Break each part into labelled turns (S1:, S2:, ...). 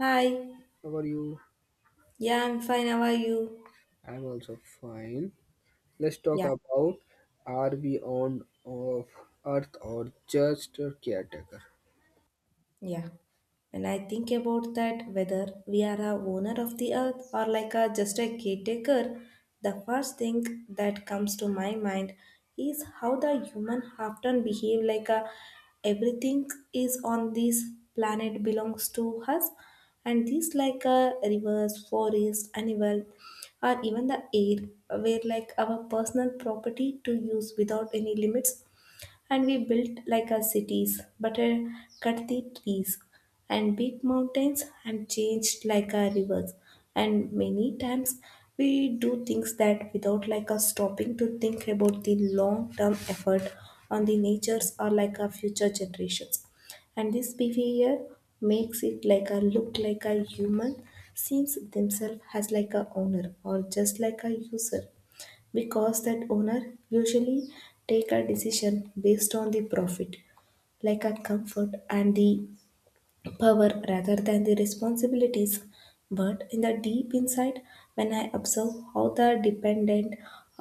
S1: Hi.
S2: How are you?
S1: Yeah, I'm fine. How are you?
S2: I'm also fine. Let's talk
S1: Yeah,
S2: about are we on of Earth or just a caretaker?
S1: yeah. When I think about that, whether we are a owner of the earth or like a just a caretaker, the first thing that comes to my mind is how the human often behave like a everything is on this planet belongs to us, and these like a rivers, forest, animal, or even the air were like our personal property to use without any limits. And we built like our cities, but cut the trees and big mountains and changed like our rivers. And many times we do things that without like us stopping to think about the long term effort on the natures or like our future generations, and this behavior makes it like a look like a human seems themselves as like a owner or just like a user, because that owner usually take a decision based on the profit, like a comfort and the power, rather than the responsibilities. But in the deep inside, when I observe how the dependent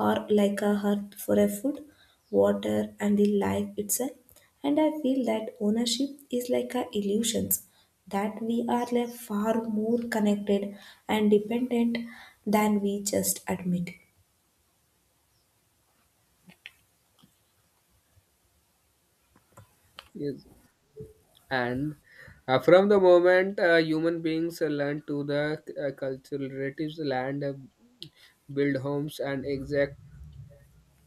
S1: are like a heart for a food, water, and the life itself, and I feel that ownership is like a illusions, that we are like far more connected and dependent than we just admit.
S2: Yes. And from the moment human beings learn to the cultural relatives land, build homes, and exact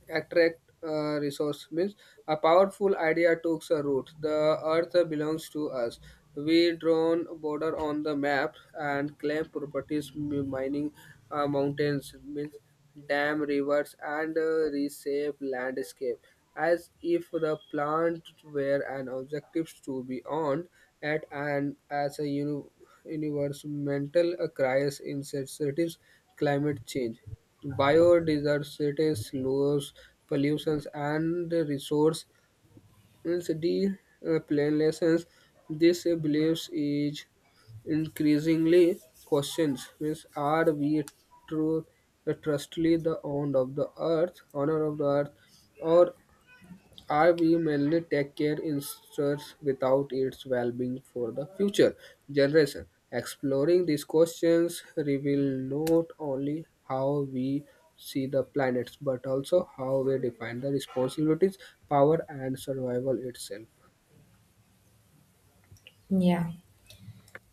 S2: attract resource means a powerful idea took a root the earth belongs to us we drawn border on the map and claim properties mining mountains means dam rivers and reshape landscape as if the plant were an objective to be owned at and as a universal mental crisis in sensitive climate change, biodiversity loss, pollution and resource depletion. This belief is increasingly questioned. Means, are we truly trustly the own of the earth, honor of the earth, or are we mainly take care ensures without its well-being for the future generation. Exploring these questions reveal not only how we see the planets but also how we define the responsibilities, power, and survival itself.
S1: Yeah.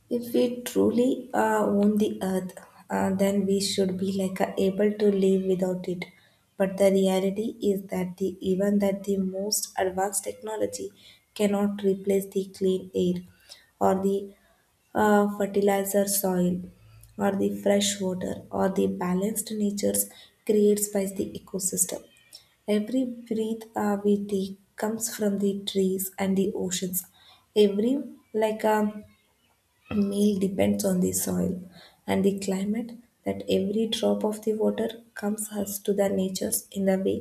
S1: If we truly own the earth, then we should be like able to live without it. But the reality is that the, even that the most advanced technology cannot replace the clean air, or the fertilizer soil, or the fresh water, or the balanced natures creates by the ecosystem. Every breath we take comes from the trees and the oceans. Every like meal depends on the soil and the climate, that every drop of the water comes us to the natures in the way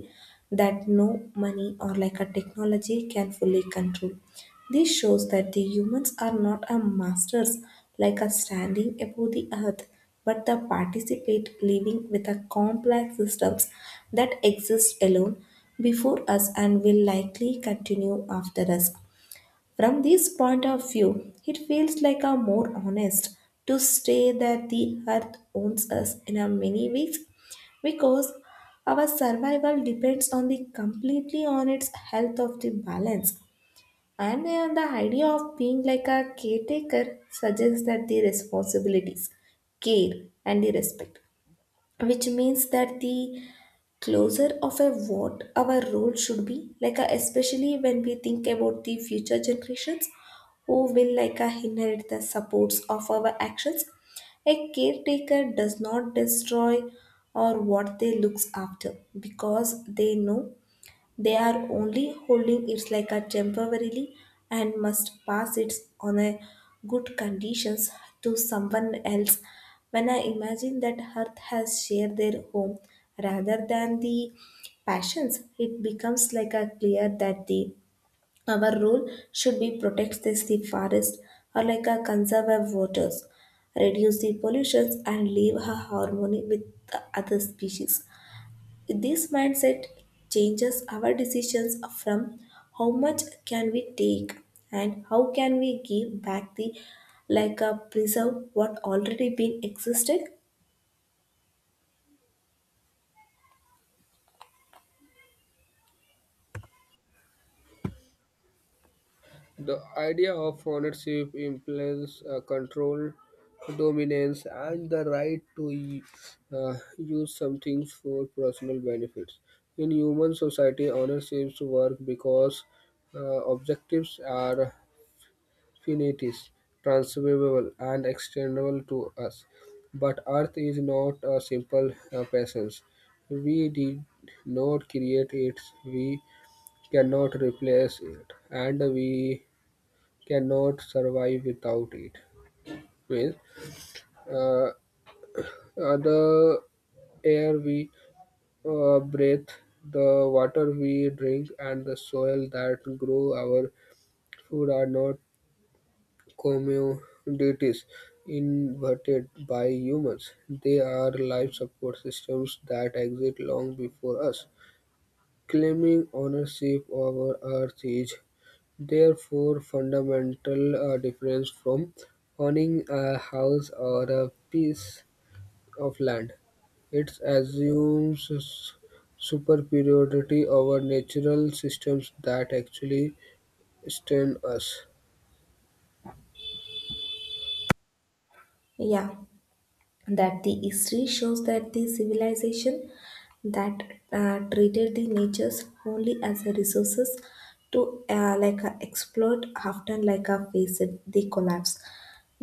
S1: that no money or like a technology can fully control. This shows that the humans are not a masters like a standing above the earth, but the participate living with a complex systems that exist alone before us and will likely continue after us. From this point of view, it feels like a more honest to say that the earth owns us in a many ways, because our survival depends on the completely on its health of the balance. And the idea of being like a caretaker suggests that the responsibilities, care, and the respect, which means that the closer of a what our role should be like a, especially when we think about the future generations who will like a, inherit the supports of our actions. A caretaker does not destroy or what they looks after, because they know they are only holding it like a temporarily and must pass it on a good conditions to someone else. When I imagine that earth has shared their home rather than the passions, it becomes like a clear that the our role should be protect this the forest or like a conserve waters, reduce the pollutions and live a harmony with the other species. This mindset changes our decisions from how much can we take and how can we give back the like a preserve what already been existed.
S2: The idea of ownership, implies control, dominance, and the right to use some things for personal benefits. In human society, ownerships work because objectives are finite, transferable, and extendable to us. But Earth is not a simple presence. We did not create it, we cannot replace it, and we cannot survive without it. Means, uh, uh, the air we breathe, the water we drink, and the soil that grow our food are not commodities invented by humans. They are life support systems that exist long before us. Claiming ownership over Earth is therefore, fundamental difference from owning a house or a piece of land, it assumes superiority over natural systems that actually sustain us.
S1: Yeah. That the history shows that the civilization that treated the natures only as a resources to like a exploit often like a faced the collapse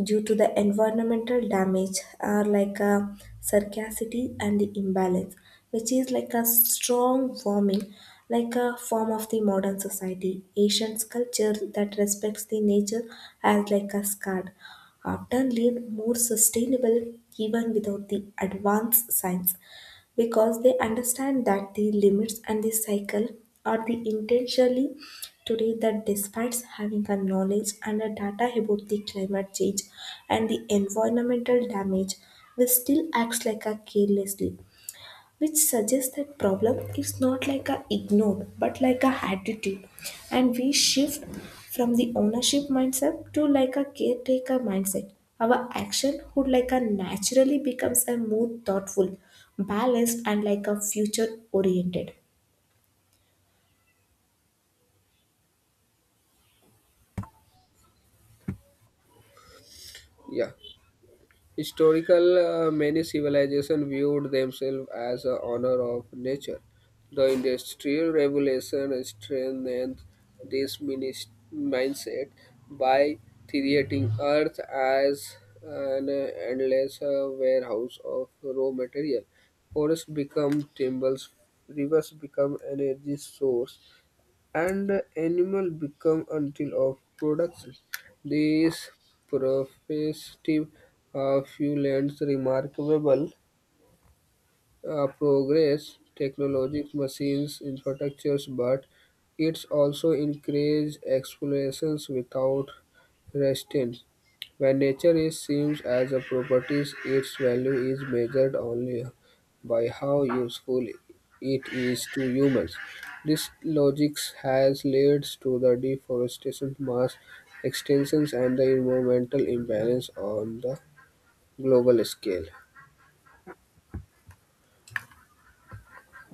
S1: due to the environmental damage are like a sarcasity and the imbalance, which is like a strong warming like a form of the modern society asian culture that respects the nature as like a scarred often lived more sustainable even without the advanced science, because they understand that the limits and the cycle are the intentionally. Today that despite having a knowledge and a data about the climate change and the environmental damage, we still acts like a carelessly, which suggests that problem is not like a ignored but like a attitude. And we shift from the ownership mindset to like a caretaker mindset, our action would like a naturally becomes a more thoughtful, balanced, and like a future oriented.
S2: Yeah. Historical many civilizations viewed themselves as a honor of nature the industrial revolution strengthened this mindset by creating earth as an endless warehouse of raw material forests become timber rivers become energy source and the animal become until of production. This prospective few remarkable progress, technologic machines, infrastructures, but it's also encourage explorations without restraint. When nature is seen as a property, its value is measured only by how useful it is to humans. This logic has led to the deforestation, mass extinctions, and the environmental imbalance on the global scale.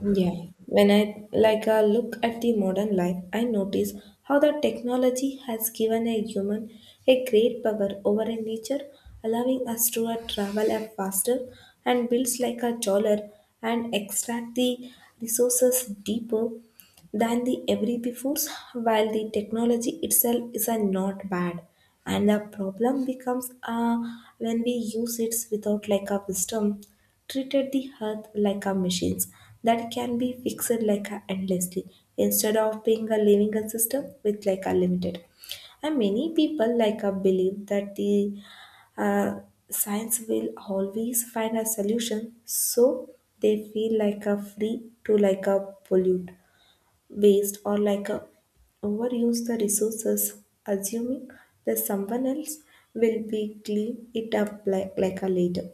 S1: Yeah, when I like a look at the modern life, I notice how the technology has given a human a great power over a nature, allowing us to travel a faster and builds like a dollar and extract the resources deeper than the every before. While the technology itself is a not bad, and the problem becomes when we use it without like a wisdom, treated the earth like a machines that can be fixed like a endlessly instead of being a living a system with like a limited. And many people like a believe that the uh, science will always find a solution, so they feel like a free to like a pollute, waste, or like a overuse the resources, assuming that someone else will be clean it up like a later.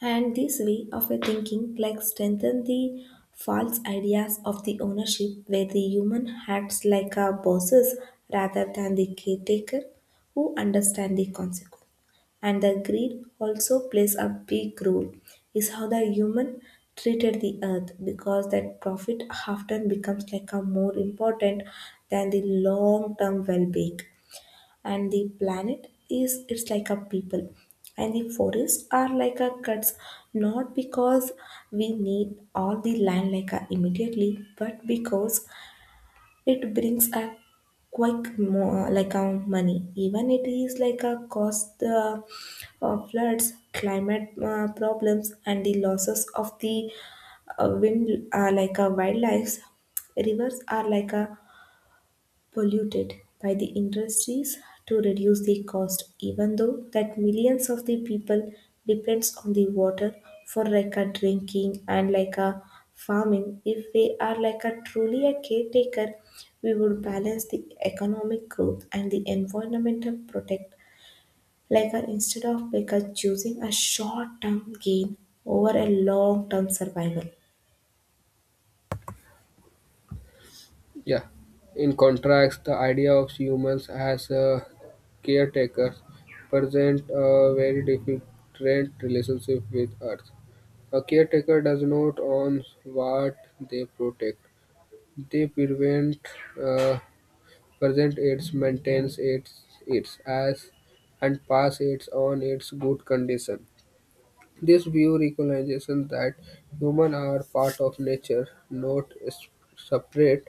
S1: And this way of a thinking like strengthen the false ideas of the ownership, where the human acts like a bosses rather than the caretaker who understand the consequence. And the greed also plays a big role is how the human treated the earth, because that profit often becomes like a more important than the long term well being. And the planet is it's like a people, and the forests are like a cuts, not because we need all the land like a immediately, but because it brings a quick like a money, even it is like a cost the floods climate problems and the losses of the wind like a wildlife. Rivers are like a polluted by the industries to reduce the cost, even though that millions of the people depends on the water for like a drinking and like a farming. If we are like a truly a caretaker, we would balance the economic growth and the environmental protect, like a instead of like a choosing a short term gain over a long term survival.
S2: Yeah. In contrast, the idea of humans as a caretakers present a very different relationship with Earth. A caretaker does not own what they protect; they prevent uh, present it, maintain it its as, and pass it on its good condition. This view recognizes that humans are part of nature, not separate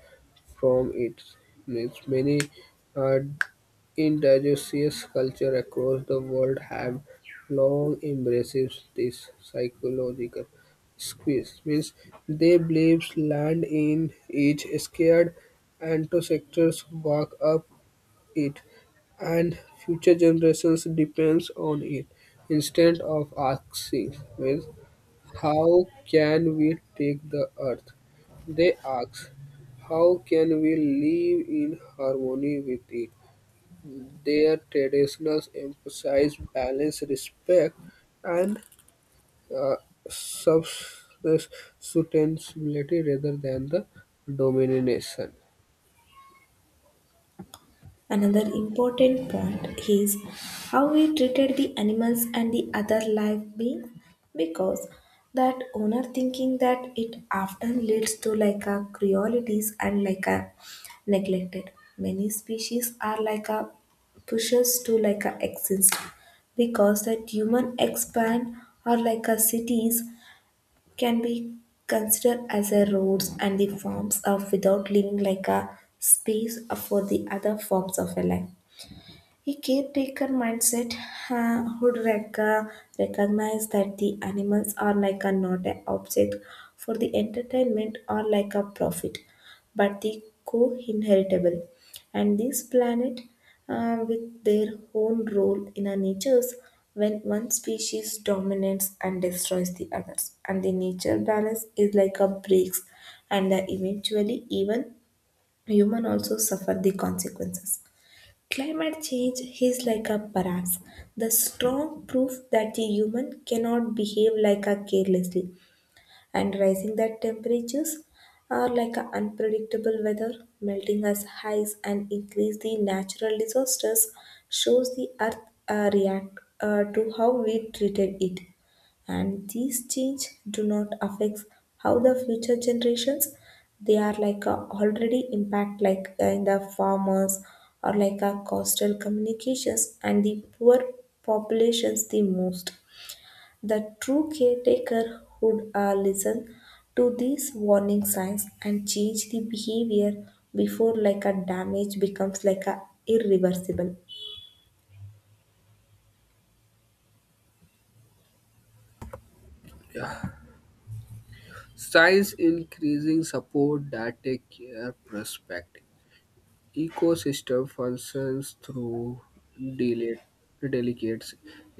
S2: from it. Means many uh, Indigenous cultures across the world have long embraced this psychological squeeze, means they believe land in each scared ancestors walk up it and future generations depends on it. Instead of asking means how can we take the earth? They ask how can we live in harmony with it? Their traditions emphasize balance, respect, and uh, sustainability rather than the domination.
S1: Another important point is how we treated the animals and the other live beings, because that owner thinking that it often leads to like a cruelties and like a neglected. Many species are like a pushes to like a exist because that human expand or like a cities can be considered as a roads and the forms of without leaving like a space for the other forms of a life. A caretaker mindset would recognize that the animals are like a not an object for the entertainment or like a profit, but the co-inheritable. And this planet with their own role in our natures, when one species dominates and destroys the others. And the nature balance is like a breaks, and that eventually even human also suffer the consequences. Climate change is like a paradox, the strong proof that the human cannot behave like a carelessly. And rising that temperatures are like a unpredictable weather, melting as highs and increase the natural disasters, shows the earth react to how we treated it. And these change do not affect how the future generations, they are like a already impact like in the farmers or like a coastal communications and the poor populations the most. The true caretaker would listen to these warning signs and change the behavior before like a damage becomes like a irreversible.
S2: Yeah. Science increasing support that take care perspective. Ecosystem functions through deli- delicate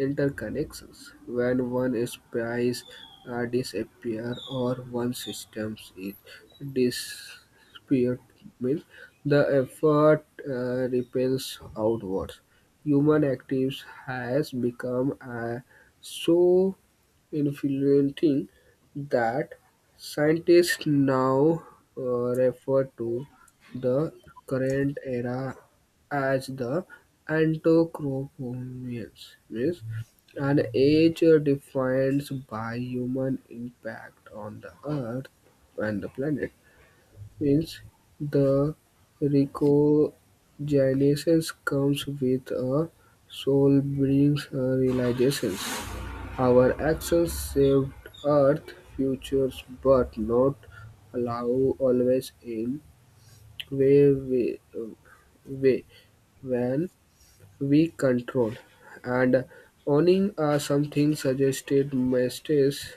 S2: interconnections. When one species disappears or one system is disappeared, means the effort repels outwards. Human activities has become so influencing that scientists now refer to the current era as the Anthropocene, means an age defined by human impact on the Earth and the planet. Means the recogenesis comes with a soul brings a realization our actions saved Earth's futures, but not allow always in way, we, way when we control and owning something suggested mistakes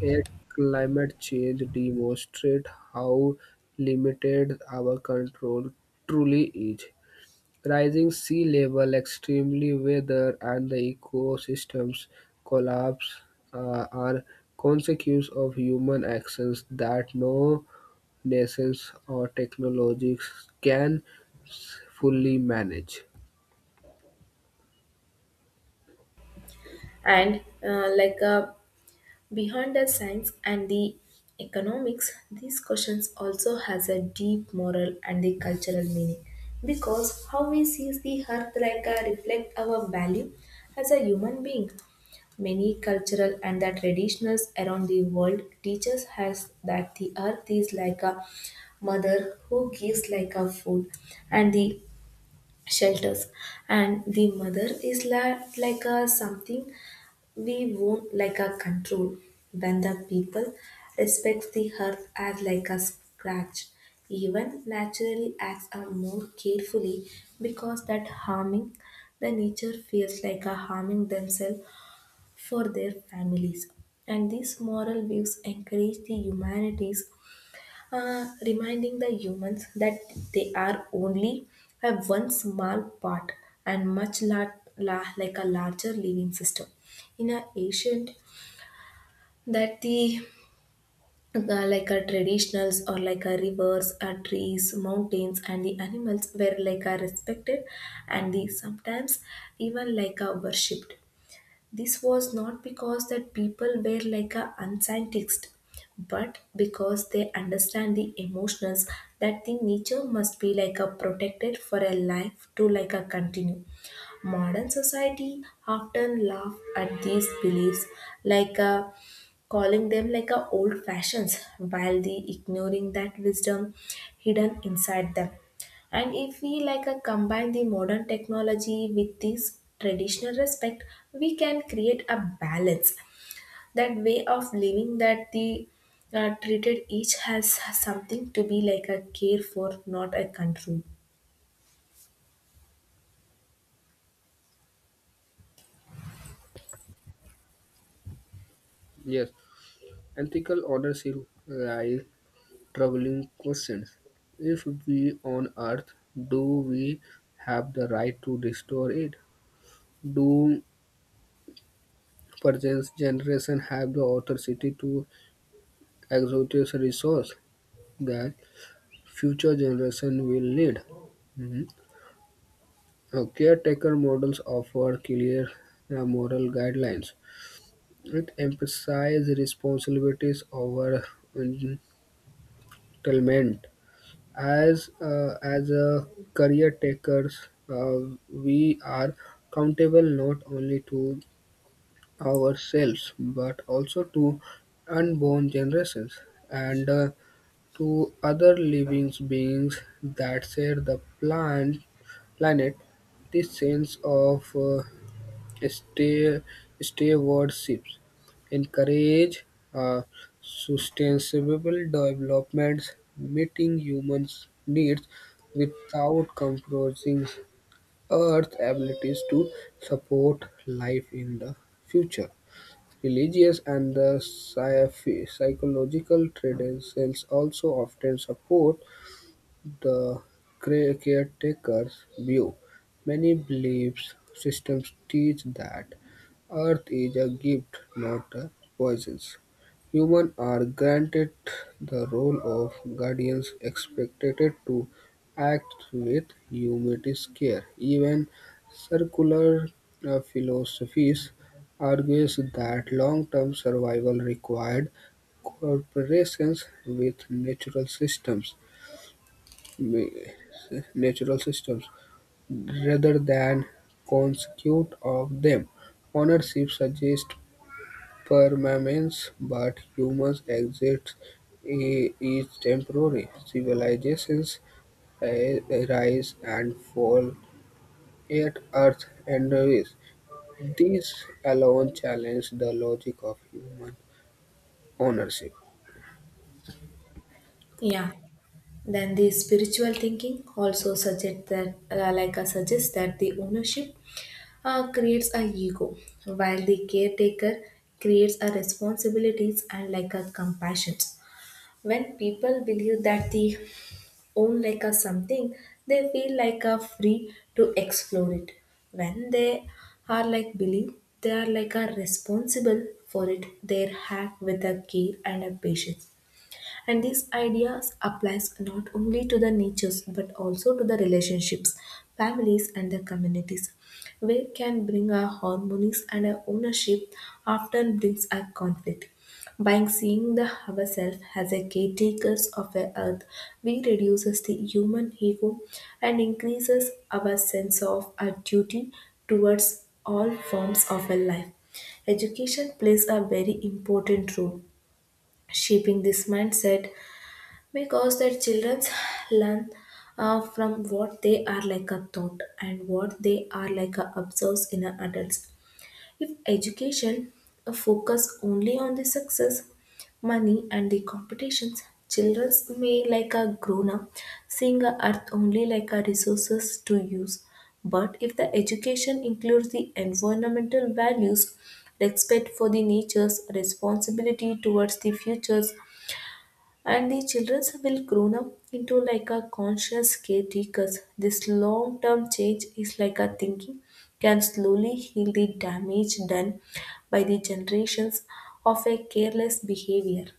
S2: at climate change demonstrate how limited our control truly is rising sea level, extreme weather, and the ecosystem's collapse are consequences of human actions that no nations or technologies can fully manage.
S1: And like a beyond the science and the economics, these questions also has a deep moral and the cultural meaning, because how we see the earth like a reflect our value as a human being. Many cultural and the traditionals around the world teaches us that the earth is like a mother who gives like a food and the shelters, and the mother is like a something we won't like a control. When the people respect the earth as like a scratch, even naturally acts are more carefully, because that harming the nature feels like a harming themselves for their families. And these moral views encourage the humanities, reminding the humans that they are only a one small part and much like a larger living system. In an ancient that the like our traditionals or like our rivers, our trees, mountains, and the animals were like are respected, and the sometimes even like are worshipped. This was not because that people were like a unscientist, but because they understand the emotions that the nature must be like a protected for a life to like a continue. Modern society often laugh at these beliefs, like uh, calling them like a old fashions while they ignoring that wisdom hidden inside them. And if we combine the modern technology with this traditional respect, we can create a balance. That way of living that the treated each has something to be like a care for, not a control.
S2: Yes, ethical ownership raise troubling questions. If we own Earth, do we have the right to restore it? Do present generation have the authority to exotic resource that future generation will need. Mhm. Caretaker models offer clear moral guidelines. It emphasizes responsibilities over entitlement. As a career takers, we are accountable not only to ourselves but also to unborn generations. And to other living beings that share the planet. This sense of stay- stewardship encourage uh, sustainable developments, meeting humans' needs without compromising Earth's abilities to support life in the future. Religious and the psychological traditions also often support the caretaker's view. Many beliefs systems teach that Earth is a gift, not a poison. Humans are granted the role of guardians, expected to act with humanity's care. Even circular philosophies argues that long-term survival required cooperations with natural systems mi- natural systems, rather than consequence of them. Ownership suggests permanence, but humans' exit is temporary. Civilizations rise and fall, yet Earth endures. This alone challenges the logic of human ownership.
S1: Yeah. Then the spiritual thinking also suggests that, like suggests that the ownership creates a ego, while the caretaker creates a responsibilities and like a compassion. When people believe that they own like a something, they feel like a free to explore it. When they are like believe, they are like a responsible for it. They act with a care and a patience, and these ideas applies not only to the natures but also to the relationships, families and the communities. We can bring our harmonies and our ownership often brings a conflict. By seeing the ourselves as a caretakers of the earth, we reduces the human ego and increases our sense of our duty towards all forms of a life. Education plays a very important role shaping this mindset because their children learn from what they are like a thought and what they are like a observes in a adults. If education focus only on the success, money and the competitions, children may like a grown up seeing a earth only like a resources to use. But if the education includes the environmental values, respect for the nature's responsibility towards the futures and the children will grown up into like a conscious caretakers. This long term change is like a thinking can slowly heal the damage done by the generations of a careless behavior.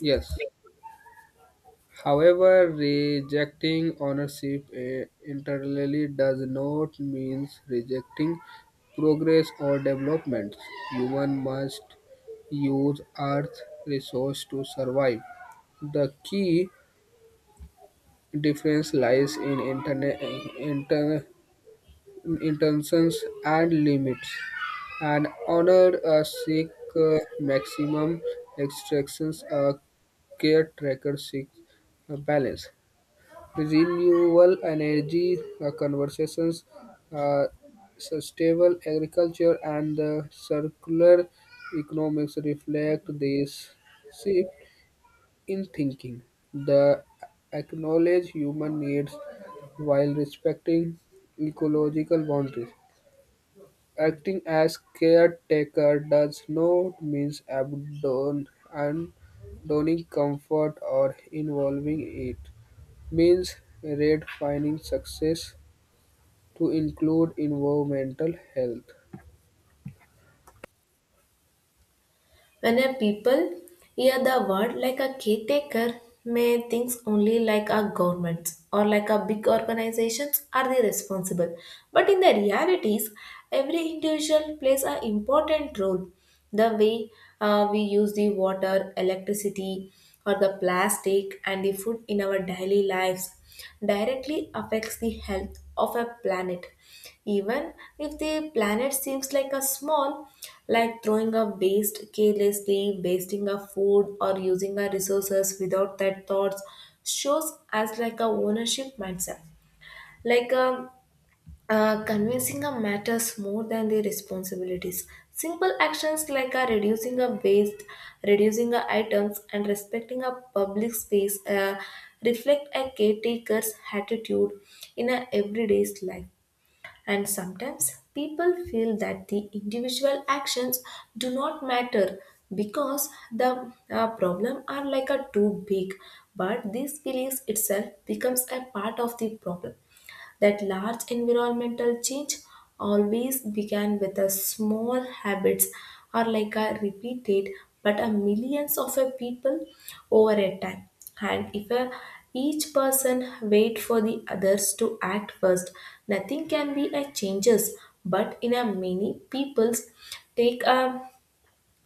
S2: Yes. However, rejecting ownership entirely does not mean rejecting progress or development. Human must use Earth resource to survive. The key difference lies in inter- intentions and limits, and honor a seek maximum extractions. A caretaker seeks a balance renewable energy conversations, uh, sustainable agriculture, and the circular economics reflect this shift in thinking. The acknowledge human needs while respecting ecological boundaries. Acting as caretaker does not mean abandon, abandoning comfort or involving it means redefining success to include environmental health.
S1: When a people hear the word like a caretaker may think only like a governments or like a big organizations are the responsible. But in the realities, every individual plays an important role. The way we use the water, electricity, or the plastic and the food in our daily lives directly affects the health of a planet, even if the planet seems like a small, like throwing a waste carelessly, wasting a food, or using our resources without that thoughts, shows as like a ownership mindset. Like um, Convincing a matters more than the responsibilities. Simple actions like reducing a waste, reducing a items, and respecting a public space, reflect a caretaker's attitude in a everyday's life. And sometimes people feel that the individual actions do not matter because the problem are like a too big, but this belief itself becomes a part of the problem that large environmental change always began with a small habits or like a repeated but a millions of a people over a time. And if a, each person wait for the others to act first, nothing can be a changes, but in a many people's take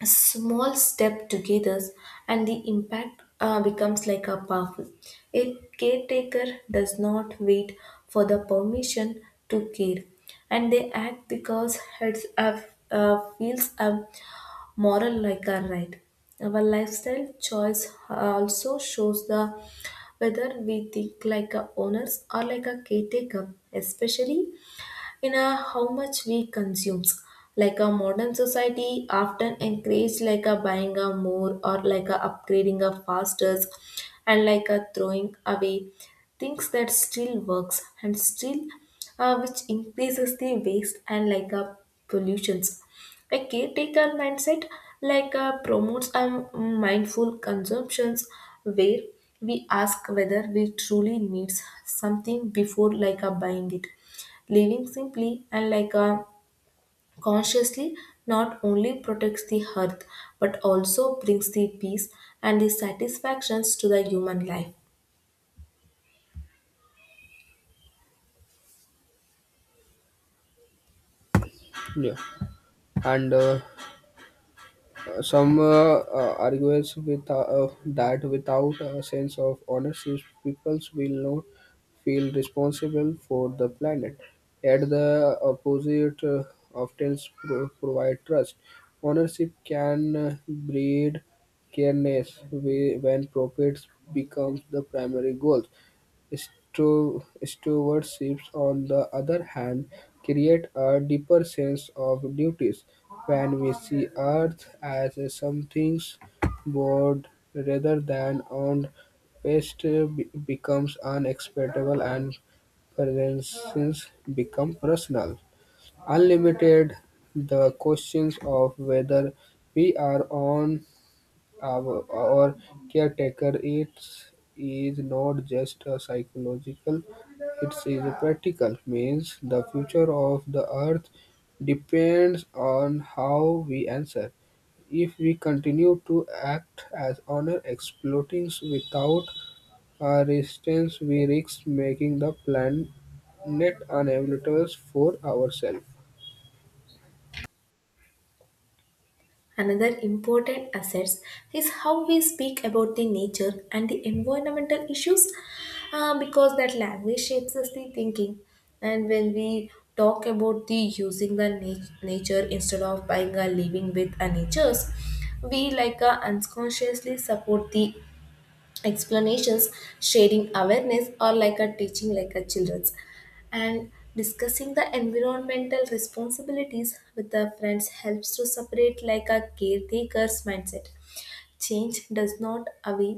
S1: a small step together and the impact becomes like a powerful. A caretaker does not wait for the permission to care, and they act because it's a, feels a moral like a right. Our lifestyle choice also shows the whether we think like a owners or like a caretaker, especially in a how much we consumes. Like a modern society often encourage like a buying a more or like a upgrading a faster and like a throwing away things that still works and still which increases the waste and like a pollutions. A caretaker mindset like promotes a mindful consumptions where we ask whether we truly needs something before like a buying it. Living simply and like a consciously not only protects the earth but also brings the peace and the satisfactions to the human life.
S2: Yeah, and some argues with that without a sense of ownership, peoples will not feel responsible for the planet. At the opposite, often provide trust. Ownership can breed careness when profits becomes the primary goal. Stewardship, on the other hand, create a deeper sense of duties when we see Earth as a something borrowed rather than owned. Waste becomes unacceptable and presence become personal. Unlimited, the questions of whether we are on our caretaker it's, is not just a psychological, it is a practical. Means the future of the earth depends on how we answer. If we continue to act as honor exploiting without resistance, we risk making the planet unavailable for ourselves.
S1: Another important asset is how we speak about the nature and the environmental issues, because that language shapes us the thinking. And when we talk about the using the nature instead of buying a living with a natures, we like unconsciously support the explanations, sharing awareness or like a teaching like a children's and discussing the environmental responsibilities with the friends helps to separate like a caretaker's mindset. Change does not away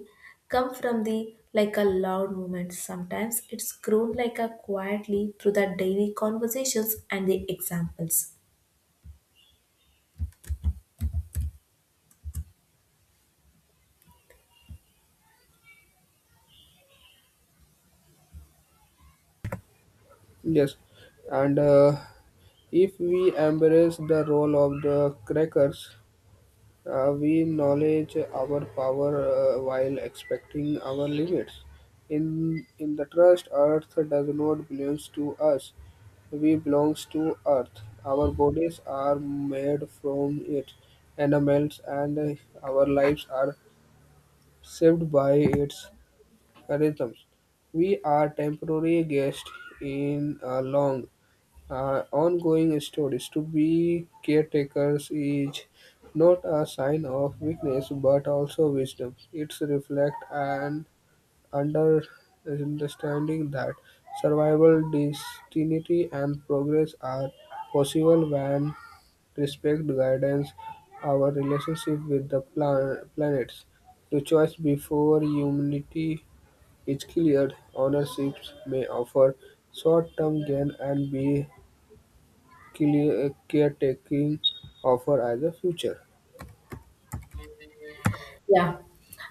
S1: come from the like a loud movement. Sometimes it's grown like a quietly through the daily conversations and the examples.
S2: Yes, and if we embrace the role of the crackers, we acknowledge our power while expecting our limits. In the trust, Earth does not belong to us. We belong to Earth. Our bodies are made from it, animals, and our lives are shaped by its rhythms. We are temporary guests in a long, ongoing stories. To be caretakers is not a sign of weakness but also wisdom. It's reflect an under understanding that survival, destiny, and progress are possible when respect guidance our relationship with the planets. The choice before humanity is cleared, ownerships may offer short-term gain and be caretaking offer as a future.
S1: Yeah.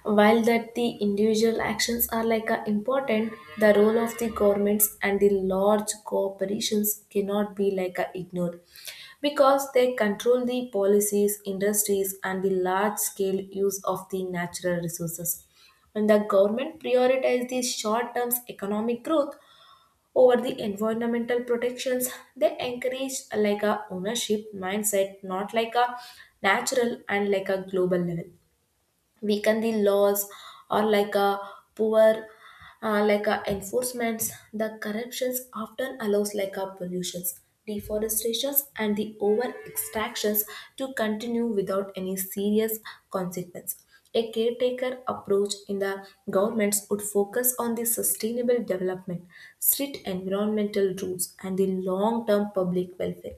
S1: While that the individual actions are like a important, the role of the governments and the large corporations cannot be like a ignored because they control the policies, industries and the large scale use of the natural resources. When the government prioritizes the short term economic growth over the environmental protections, they encourage like a ownership mindset, not like a natural and like a global level weaken the laws or like a poor like a enforcements. The corruptions often allows like a pollutions, deforestations and the over extractions to continue without any serious consequence. A caretaker approach in the governments would focus on the sustainable development, strict environmental rules and the long term public welfare.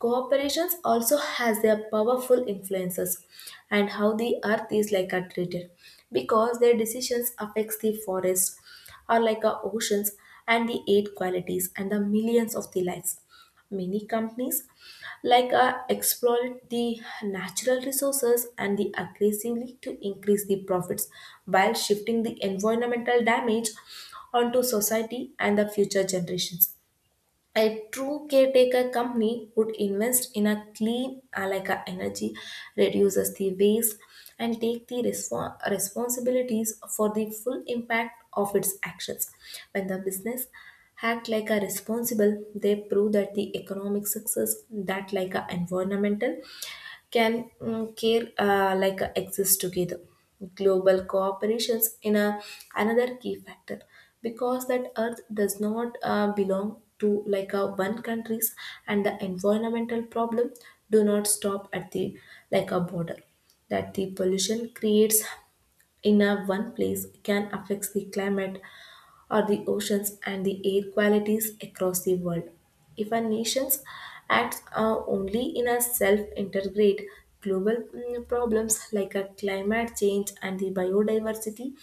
S1: Cooperations also has their powerful influences and how the earth is like a treated, because their decisions affects the forest or like our oceans and the air qualities and the millions of the lives. Many companies like exploit the natural resources and the aggressively to increase the profits while shifting the environmental damage onto society and the future generations. A true caretaker company would invest in a clean Alaka energy, reduces the waste, and take the responsibilities for the full impact of its actions. When the business act like a responsible, they prove that the economic success that like a environmental can mm, care like a exist together. Global cooperations in a, another key factor, because that earth does not belong to like a one countries and the environmental problem do not stop at the like a border that the pollution creates in a one place can affect the climate or the oceans and the air qualities across the world. If a nation acts only in a self-integrate, global mm, problems like a climate change and the biodiversity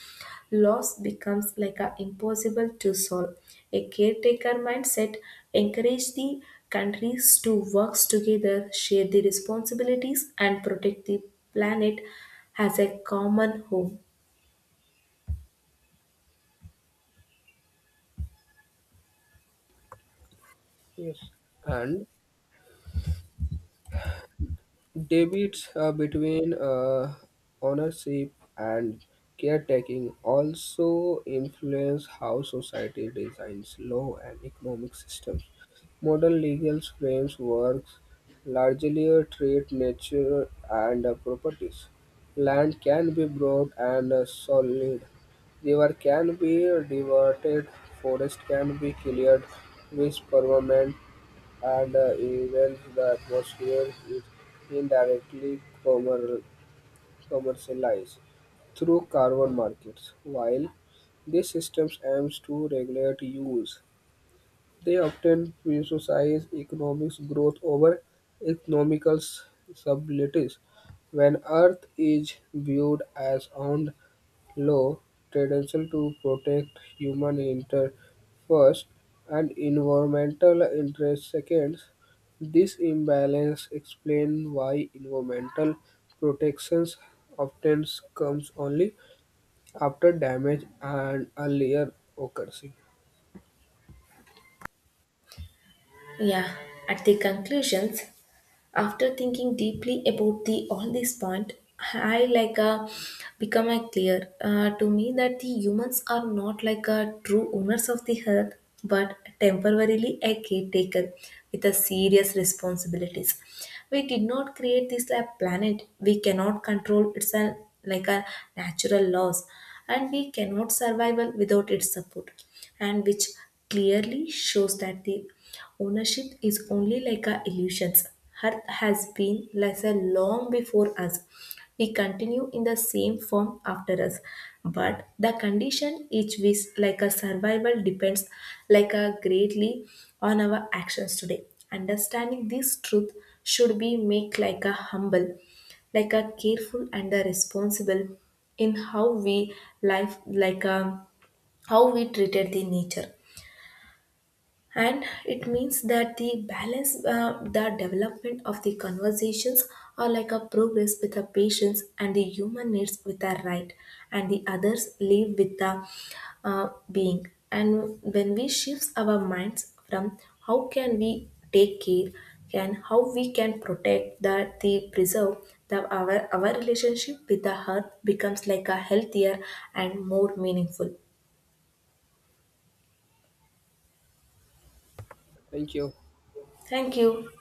S1: loss becomes like a impossible to solve. A caretaker mindset encourage the countries to work together, share the responsibilities, and protect the planet as a common home.
S2: Yes. And debates between ownership and caretaking also influence how society designs law and economic systems. Modern legal frames works largely treat nature and properties. Land can be bought and sold. River can be diverted. Forest can be cleared with permanent and even the atmosphere is indirectly commercialized through carbon markets. While these systems aims to regulate use, they often prioritize economic growth over economical stability. When Earth is viewed as owned law tendency to protect human interest first and environmental interest second. This imbalance explains why environmental protections often comes only after damage and earlier occurs.
S1: Yeah, at the conclusions, after thinking deeply about the all these point, I like become a clear to me that the humans are not like a true owners of the earth, but temporarily a caretaker with a serious responsibilities. We did not create this like, planet. We cannot control its like a natural laws, and we cannot survival without its support, and which clearly shows that the ownership is only like our illusions. Earth has been lesser long before us. We continue in the same form after us. But the condition each is like a survival depends like a greatly on our actions today. Understanding this truth should be make like a humble, like a careful and a responsible in how we life like a how we treated the nature. And it means that the balance the development of the conversations are like a progress with the patients and the human needs with the right and the others live with the being. And when we shift our minds from how can we take care and how we can protect that the preserve the our relationship with the earth becomes like a healthier and more meaningful.
S2: Thank you.
S1: Thank you.